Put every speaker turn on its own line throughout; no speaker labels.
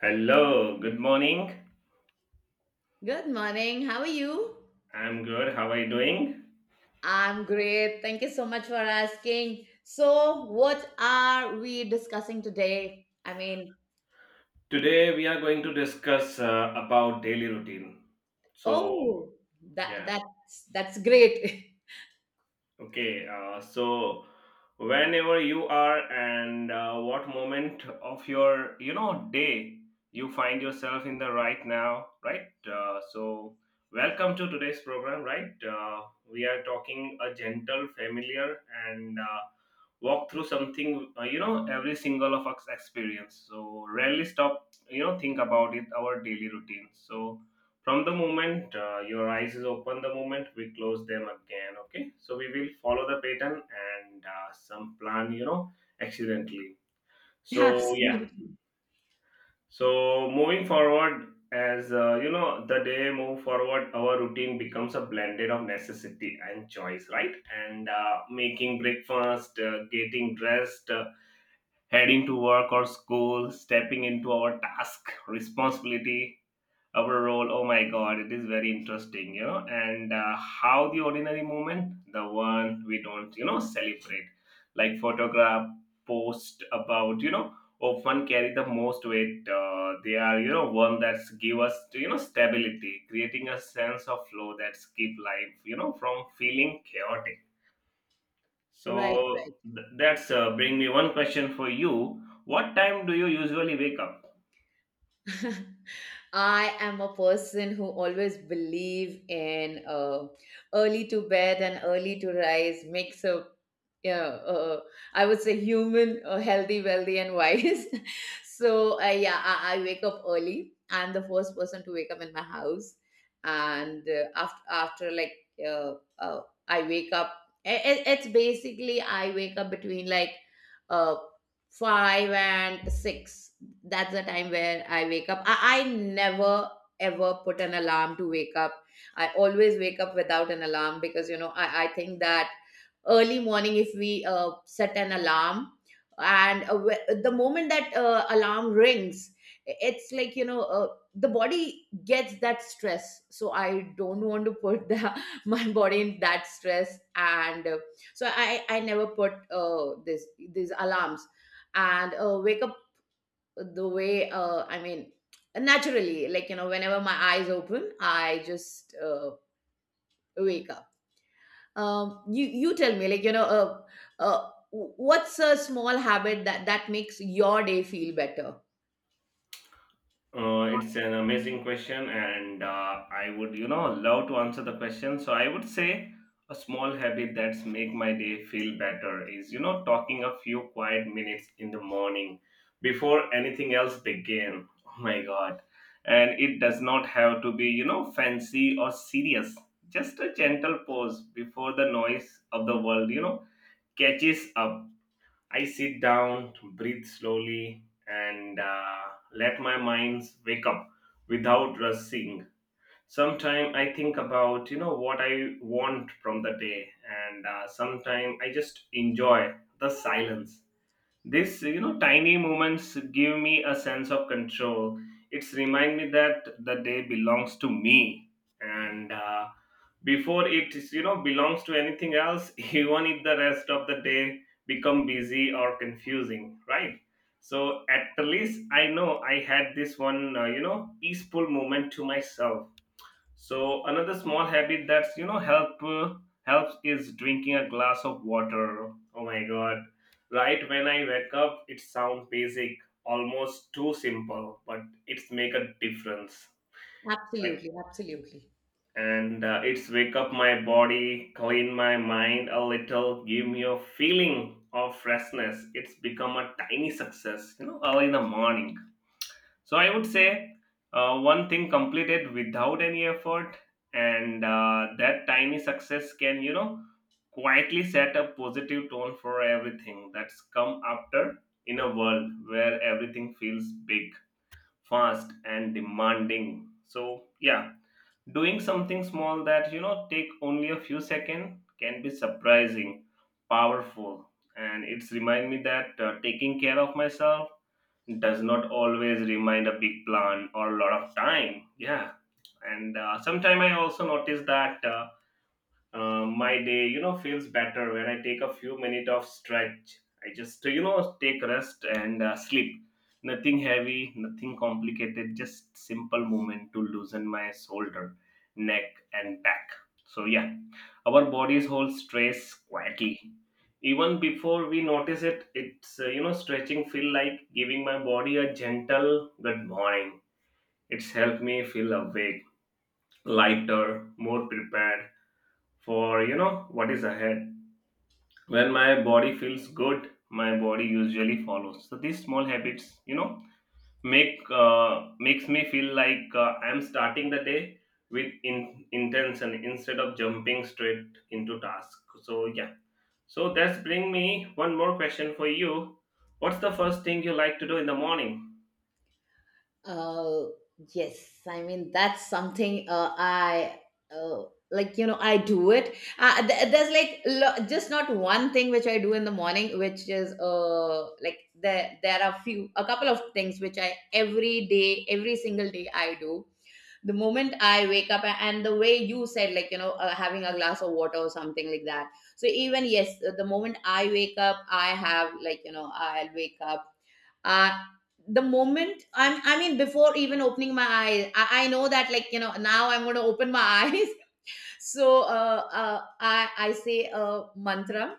Hello, good morning.
Good morning. How are you?
I'm good. How are you doing?
I'm great. Thank you so much for asking. So, what are we discussing today? I mean,
Today we are going to discuss about daily routine. So,
oh, that
yeah.
that's that's great.
Okay, so whenever you are and what moment of your day you find yourself in the right now, right? So welcome to today's program, right? We are talking a gentle, familiar, and walk through something, every single of us experience. So rarely stop, think about it our daily routine. So from the moment your eyes is open the moment we close them again, okay, so we will follow the pattern and some plan, accidentally. So
Absolutely.
yeah, so moving forward as the day move forward, our routine becomes a blended of necessity and choice, right? And making breakfast, getting dressed, heading to work or school, stepping into our task, responsibility, our role. Oh my god, it is very interesting, you know. And how the ordinary moment, the one we don't, you know, celebrate like photograph, post about, you know, often carry the most weight. They are, you know, one that's give us, you know, stability, creating a sense of flow that's keep life, you know, from feeling chaotic.
Right,
So that's bring me one question for you. What time do you usually wake up?
right. I am a person who always believe in early to bed and early to rise makes a yeah, I would say human, healthy, wealthy, and wise. So yeah, I wake up early. I'm the first person to wake up in my house, and after like uh, uh, I wake up. It's basically I wake up between like uh, five and six. That's the time where I wake up. I never ever put an alarm to wake up. I always wake up without an alarm, because I think that early morning if we set an alarm, and the moment that alarm rings, it's like you know, the body gets that stress. So I don't want to put the, my body in that stress. And so I never put this these alarms, and wake up the way, I mean, naturally, like you know, whenever my eyes open, I just wake up. You tell me, like you know, what's a small habit that makes your day feel better?
It's an amazing question, and I would, you know, love to answer the question. So I would say a small habit that's make my day feel better is, you know, talking a few quiet minutes in the morning before anything else begin. Oh my God! And it does not have to be, you know, fancy or serious. Just a gentle pause before the noise of the world, you know, catches up. I sit down, breathe slowly, and let my mind wake up without rushing. Sometimes I think about, you know, what I want from the day, and sometimes I just enjoy the silence. This, you know, tiny moments give me a sense of control. It's remind me that the day belongs to me, and before it, is, you know, belongs to anything else, even if the rest of the day become busy or confusing, right? So at least I know I had this one, you know, peaceful moment to myself. So another small habit that's, you know, helps is drinking a glass of water. Oh my god! Right when I wake up, it sounds basic, almost too simple, but it's make a difference. Right?
Absolutely, absolutely.
And it's wake up my body, clean my mind a little, give me a feeling of freshness. It's become a tiny success, you know, early in the morning. So I would say one thing completed without any effort, and that tiny success can, you know, quietly set a positive tone for everything that's come after. In a world where everything feels big, fast, and demanding. So, yeah, doing something small that, you know, take only a few seconds can be surprising, powerful, and it's remind me that taking care of myself does not always remind a big plan or a lot of time. Yeah, and sometime I also notice that. My day, you know, feels better when I take a few minutes of stretch. I just, you know, take rest and sleep. Nothing heavy, nothing complicated, just simple movement to loosen my shoulder, neck, and back. So yeah, our bodies hold stress quietly. Even before we notice it, it's, you know, stretching feel like giving my body a gentle good morning. It's helped me feel awake, lighter, more prepared for, you know, what is ahead. When my body feels good, my body usually follows. So these small habits, you know, makes me feel like I'm starting the day with intention instead of jumping straight into task. So yeah, so that's bring me one more question for you. What's the first thing you like to do in the morning?
Uh yes. I mean, that's something, I uh, like, you know, I do it. There's just not one thing which I do in the morning, which is like, there are few, a couple of things which I every day, every single day I do. The moment I wake up, and the way you said, like, you know, having a glass of water or something like that. So, even yes, the moment I wake up, I have, like, you know, I'll wake up uh the moment I mean before even opening my eyes, I know that, like you know, now I'm going to open my eyes. So I say a mantra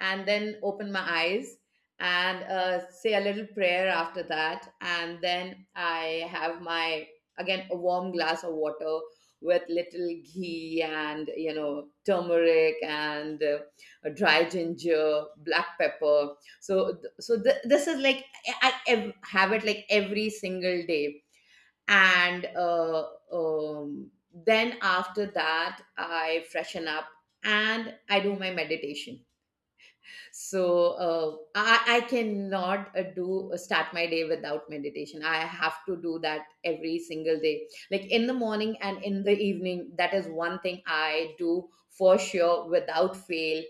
and then open my eyes, and say a little prayer after that. And then I have my, again, a warm glass of water with little ghee and, you know, turmeric, and dry ginger, black pepper. So this is like, I have it like every single day. And then after that, I freshen up and I do my meditation. So I cannot do start my day without meditation. I have to do that every single day, like in the morning and in the evening. That is one thing I do for sure, without fail.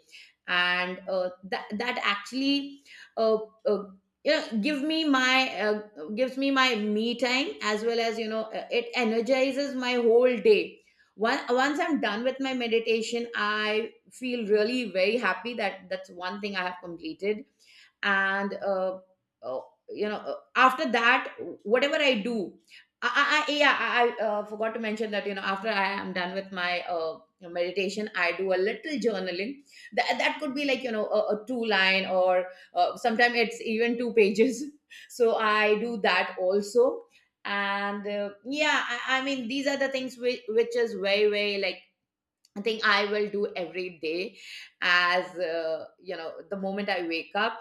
And that actually, uh, uh, yeah, gives me my me time, as well as, you know, it energizes my whole day. One once I'm done with my meditation, I feel really very happy that that's one thing I have completed. And uh, you know, after that, whatever I do, yeah, I forgot to mention that you know, after I am done with my meditation, I do a little journaling. That could be like, you know, a two line, or sometimes it's even two pages. So I do that also. And yeah, I mean these are the things which is very very like, I think I will do every day, as you know, the moment I wake up.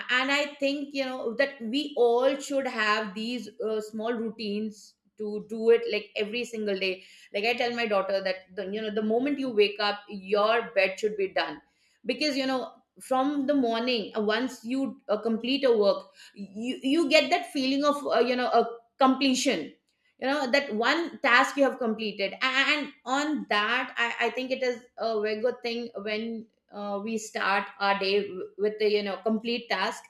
And I think, you know, that we all should have these small routines to do it like every single day. Like I tell my daughter that, the, you know, the moment you wake up, your bed should be done. Because you know, from the morning, once you complete a work, you get that feeling of, you know, a completion, you know, that one task you have completed. And on that, I think it is a very good thing when we start our day with the, you know, complete task,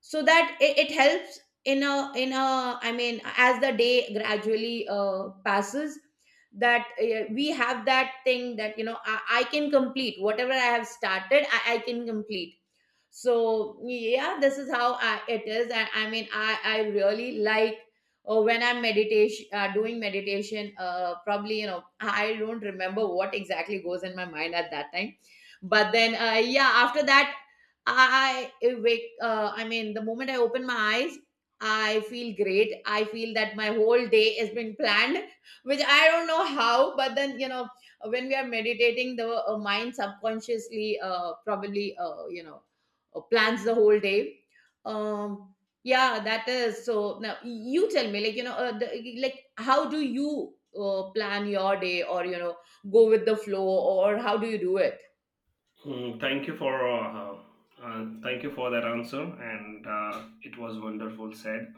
so that it helps in a, I mean, as the day gradually passes, that we have that thing that, you know, I can complete whatever I have started. I can complete. So yeah, this is how it is. And I mean, I really like, when I'm meditation doing meditation, probably, you know, I don't remember what exactly goes in my mind at that time. But then, yeah, after that, I mean the moment I open my eyes, I feel great. I feel that my whole day has been planned, which I don't know how. But then, you know, when we are meditating, the mind subconsciously, probably, you know, plans the whole day. um yeah, that is. So now you tell me, like, you know, like, how do you plan your day, or, you know, go with the flow, or how do you do it?
Hmm, thank you for that answer, and it was wonderful said.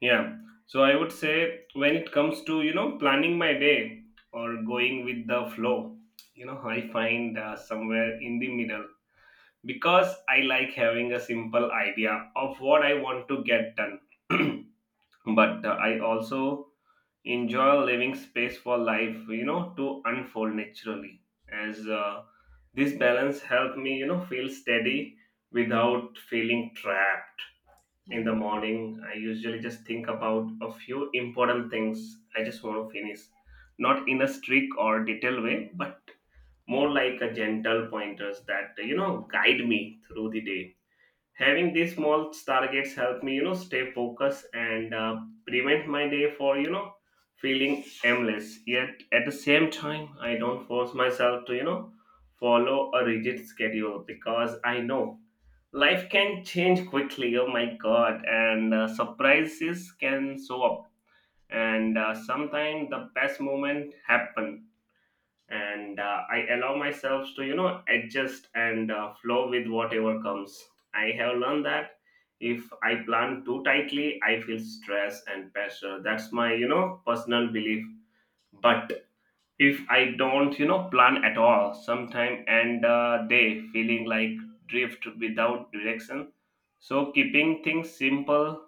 Yeah. So I would say when it comes to, you know, planning my day or going with the flow, you know, I find somewhere in the middle, because I like having a simple idea of what I want to get done. But I also enjoy leaving space for life, you know, to unfold naturally. As This balance helped me, you know, feel steady without feeling trapped. In the
Mhm.
morning, I usually just think about a few important things I just want to finish, not in a strict or detailed way, but more like a gentle pointers that, you know, guide me through the day. Having these small targets help me, you know, stay focused and prevent my day for, you know, feeling aimless. Yet at the same time, I don't force myself to, you know, follow a rigid schedule, because I know life can change quickly. Oh my god! And surprises can show up, and sometimes the best moment happen, and I allow myself to, you know, adjust and flow with whatever comes. I have learned that if I plan too tightly, I feel stress and pressure. That's my, you know, personal belief. But if I don't, you know, plan at all, sometime and day feeling like drift without direction. So keeping things simple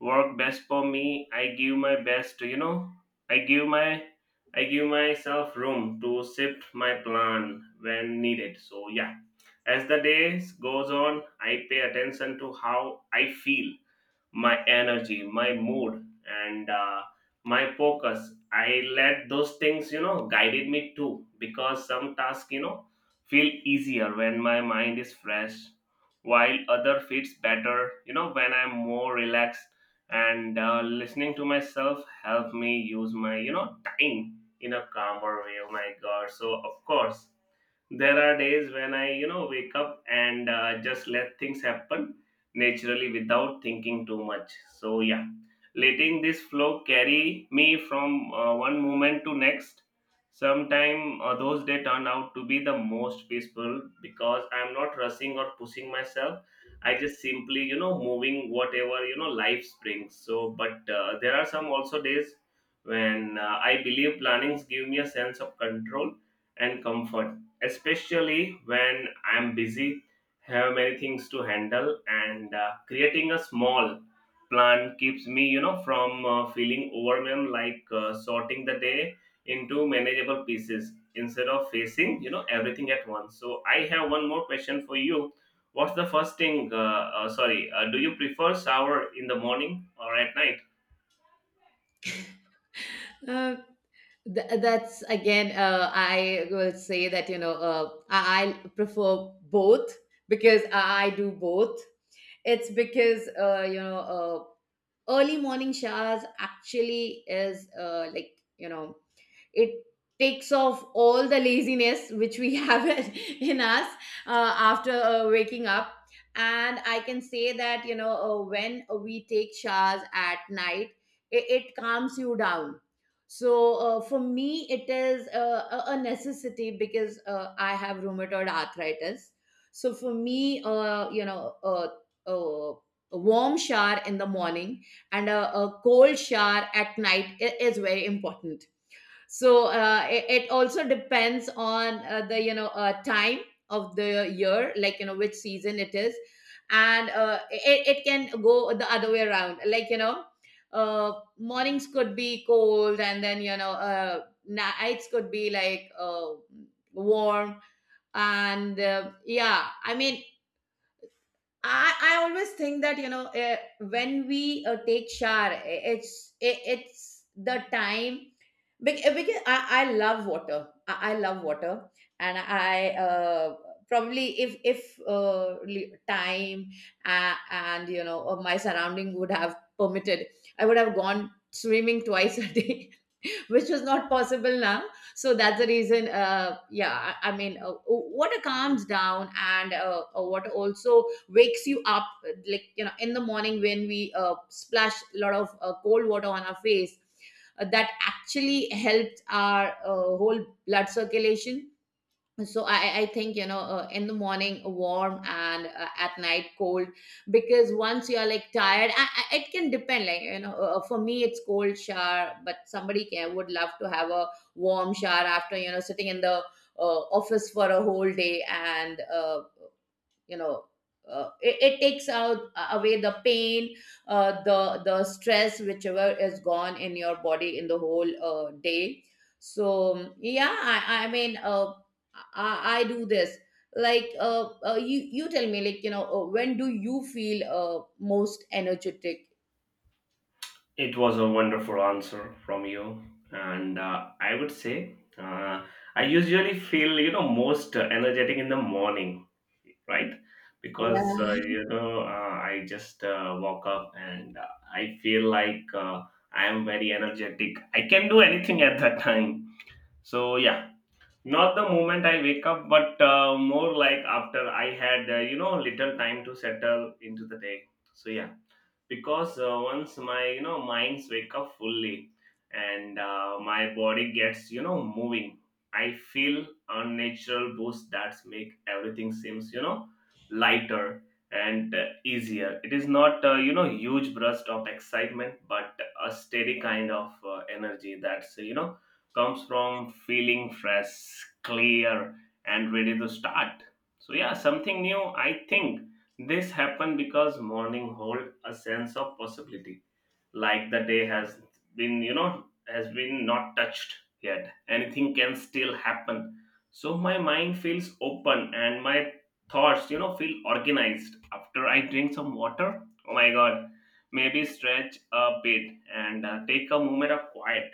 work best for me. I give my best, you know. I give my I give myself room to shift my plan when needed. So yeah, as the days goes on, I pay attention to how I feel, my energy, my mood, and my focus. I let those things, you know, guided me too, because some tasks, you know, feel easier when my mind is fresh, while other fits better, you know, when I'm more relaxed. And listening to myself help me use my, you know, time in a calmer way. Oh my God! So of course there are days when I, you know, wake up and just let things happen naturally without thinking too much. So yeah, letting this flow carry me from one moment to next. Sometime those days turn out to be the most peaceful, because I'm not rushing or pushing myself. I just simply, you know, moving whatever, you know, life brings. So but there are some also days when I believe plannings give me a sense of control and comfort, especially when I'm busy, have many things to handle, and creating a small plan keeps me, you know, from feeling overwhelmed, like sorting the day into manageable pieces instead of facing, you know, everything at once. So I have one more question for you. What's the first thing? Sorry, do you prefer shower in the morning or at night?
Uh, that's again, I will say that, you know, I prefer both, because I do both. It's because, you know, early morning showers actually is, like, you know, it takes off all the laziness which we have in us after waking up. And I can say that, you know, when we take showers at night, it calms you down. So for me, it is a necessity, because I have rheumatoid arthritis. So for me, you know, uh, a warm shower in the morning and a cold shower at night is very important. So it also depends on the, you know, time of the year, like, you know, which season it is. And it can go the other way around, like, you know, uh, mornings could be cold, and then, you know, nights could be like warm. And yeah, I mean, I always think that, you know, when we take shower, it's the time, because I love water. I love water, and I, probably if time, and, you know, my surrounding would have permitted, I would have gone swimming twice a day, which was not possible now. So that's the reason, yeah, I mean, water calms down. And water also wakes you up, like, you know, in the morning when we splash a lot of cold water on our face, that actually helps our whole blood circulation. So I think, you know, in the morning warm, and at night cold. Because once you are like tired, it can depend, like, you know, for me it's cold shower, but somebody can would love to have a warm shower after, you know, sitting in the office for a whole day. And you know, it takes out, away the pain, the stress, whichever is gone in your body in the whole day. So yeah, I mean, I do this, like, you tell me, like, you know, when do you feel, most energetic?
It was a wonderful answer from you, and I would say I usually feel, you know, most energetic in the morning, right? Because
Yeah.
I just woke up and I feel like I am very energetic. I can do anything at that time. So yeah, not the moment I wake up, but more like after I had you know, little time to settle into the day. So yeah, because once my, you know, minds wake up fully and my body gets, you know, moving, I feel unnatural boost that make everything seems, you know, lighter and easier. It is not you know, huge burst of excitement, but a steady kind of energy that's, you know, comes from feeling fresh, clear, and ready to start. So yeah, something new, I think. This happened because morning hold a sense of possibility, like the day has been, you know, has been not touched yet. Anything can still happen. So my mind feels open and my thoughts, you know, feel organized. After I drink some water, oh my god, maybe stretch a bit and take a moment of quiet.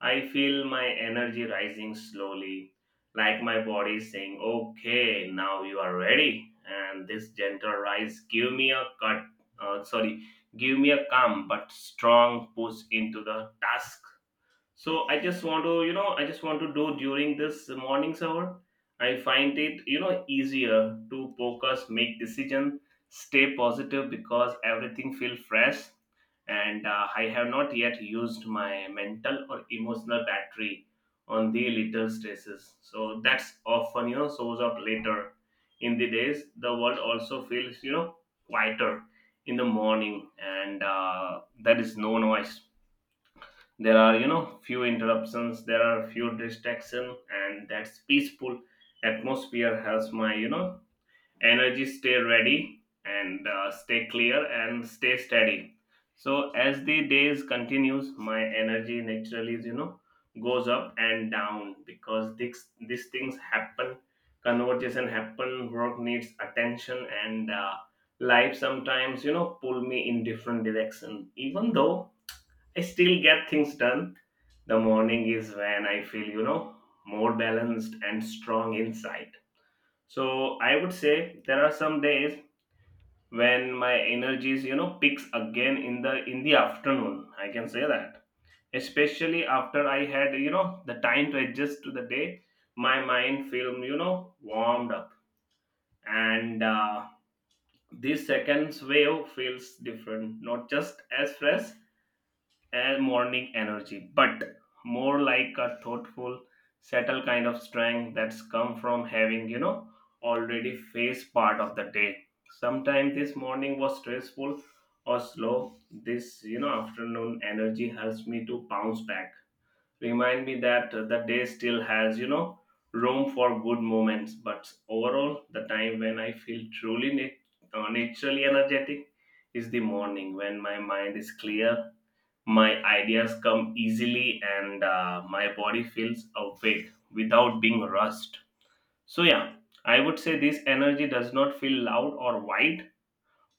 I feel my energy rising slowly, like my body is saying, "Okay, now you are ready." And this gentle rise give me a cut, sorry, give me a calm but strong push into the task. So I just want to, you know, I just want to do during this morning's hour, I find it, you know, easier to focus, make decision, stay positive, because everything feel fresh, and I have not yet used my mental or emotional battery on the little stresses, so that's often, you know, shows up later in the days. The world also feels, you know, quieter in the morning, and there is no noise, there are, you know, few interruptions, there are few distraction, and that's peaceful atmosphere helps my, you know, energy stay ready, and stay clear and stay steady. So as the days continues, my energy naturally is, you know, goes up and down, because this these things happen, conversation happen, work needs attention, and life sometimes, you know, pull me in different direction, even though I still get things done. The morning is when I feel, you know, more balanced and strong inside. So I would say there are some days when my energies, you know, peaks again in the afternoon. I can say that. Especially after I had, you know, the time to adjust to the day, my mind feel, you know, warmed up. And this second wave feels different, not just as fresh, a morning energy, but more like a thoughtful, subtle kind of strength that's come from having, you know, already faced part of the day. Sometimes this morning was stressful or slow. This, you know, afternoon energy helps me to bounce back. Remind me that the day still has, you know, room for good moments. But overall, the time when I feel truly naturally energetic is the morning, when my mind is clear, my ideas come easily, and my body feels awake without being rushed. So yeah, I would say this energy does not feel loud or wide,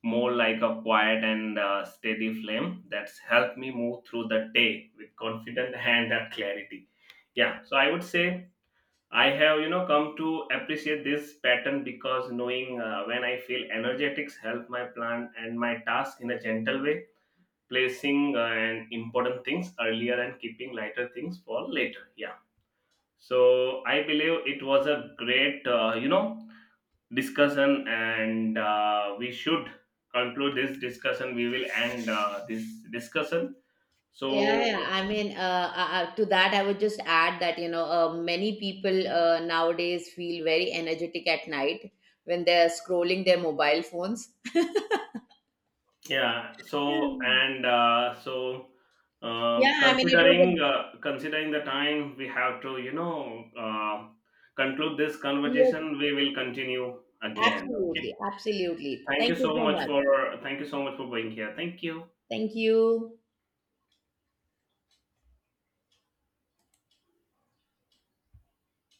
more like a quiet and steady flame that's helped me move through the day with confidence and clarity. Yeah. So I would say I have, you know, come to appreciate this pattern, because knowing when I feel energetics help my plan and my task in a gentle way, placing and important things earlier and keeping lighter things for later. Yeah. So I believe it was a great, you know, discussion, and we should conclude this discussion. We will end this discussion. So
Yeah, yeah. I mean, to that, I would just add that, you know, many people, nowadays feel very energetic at night when they're scrolling their mobile phones.
yeah. So
Mm.
and so
Yeah, I mean, it was a,
considering considering the time we have to, you know, conclude this
yes,
conversation, we will continue again, okay.
absolutely, absolutely.
Thank you
Thank you
so
so
much
much.
for being here. Thank you.
Thank you.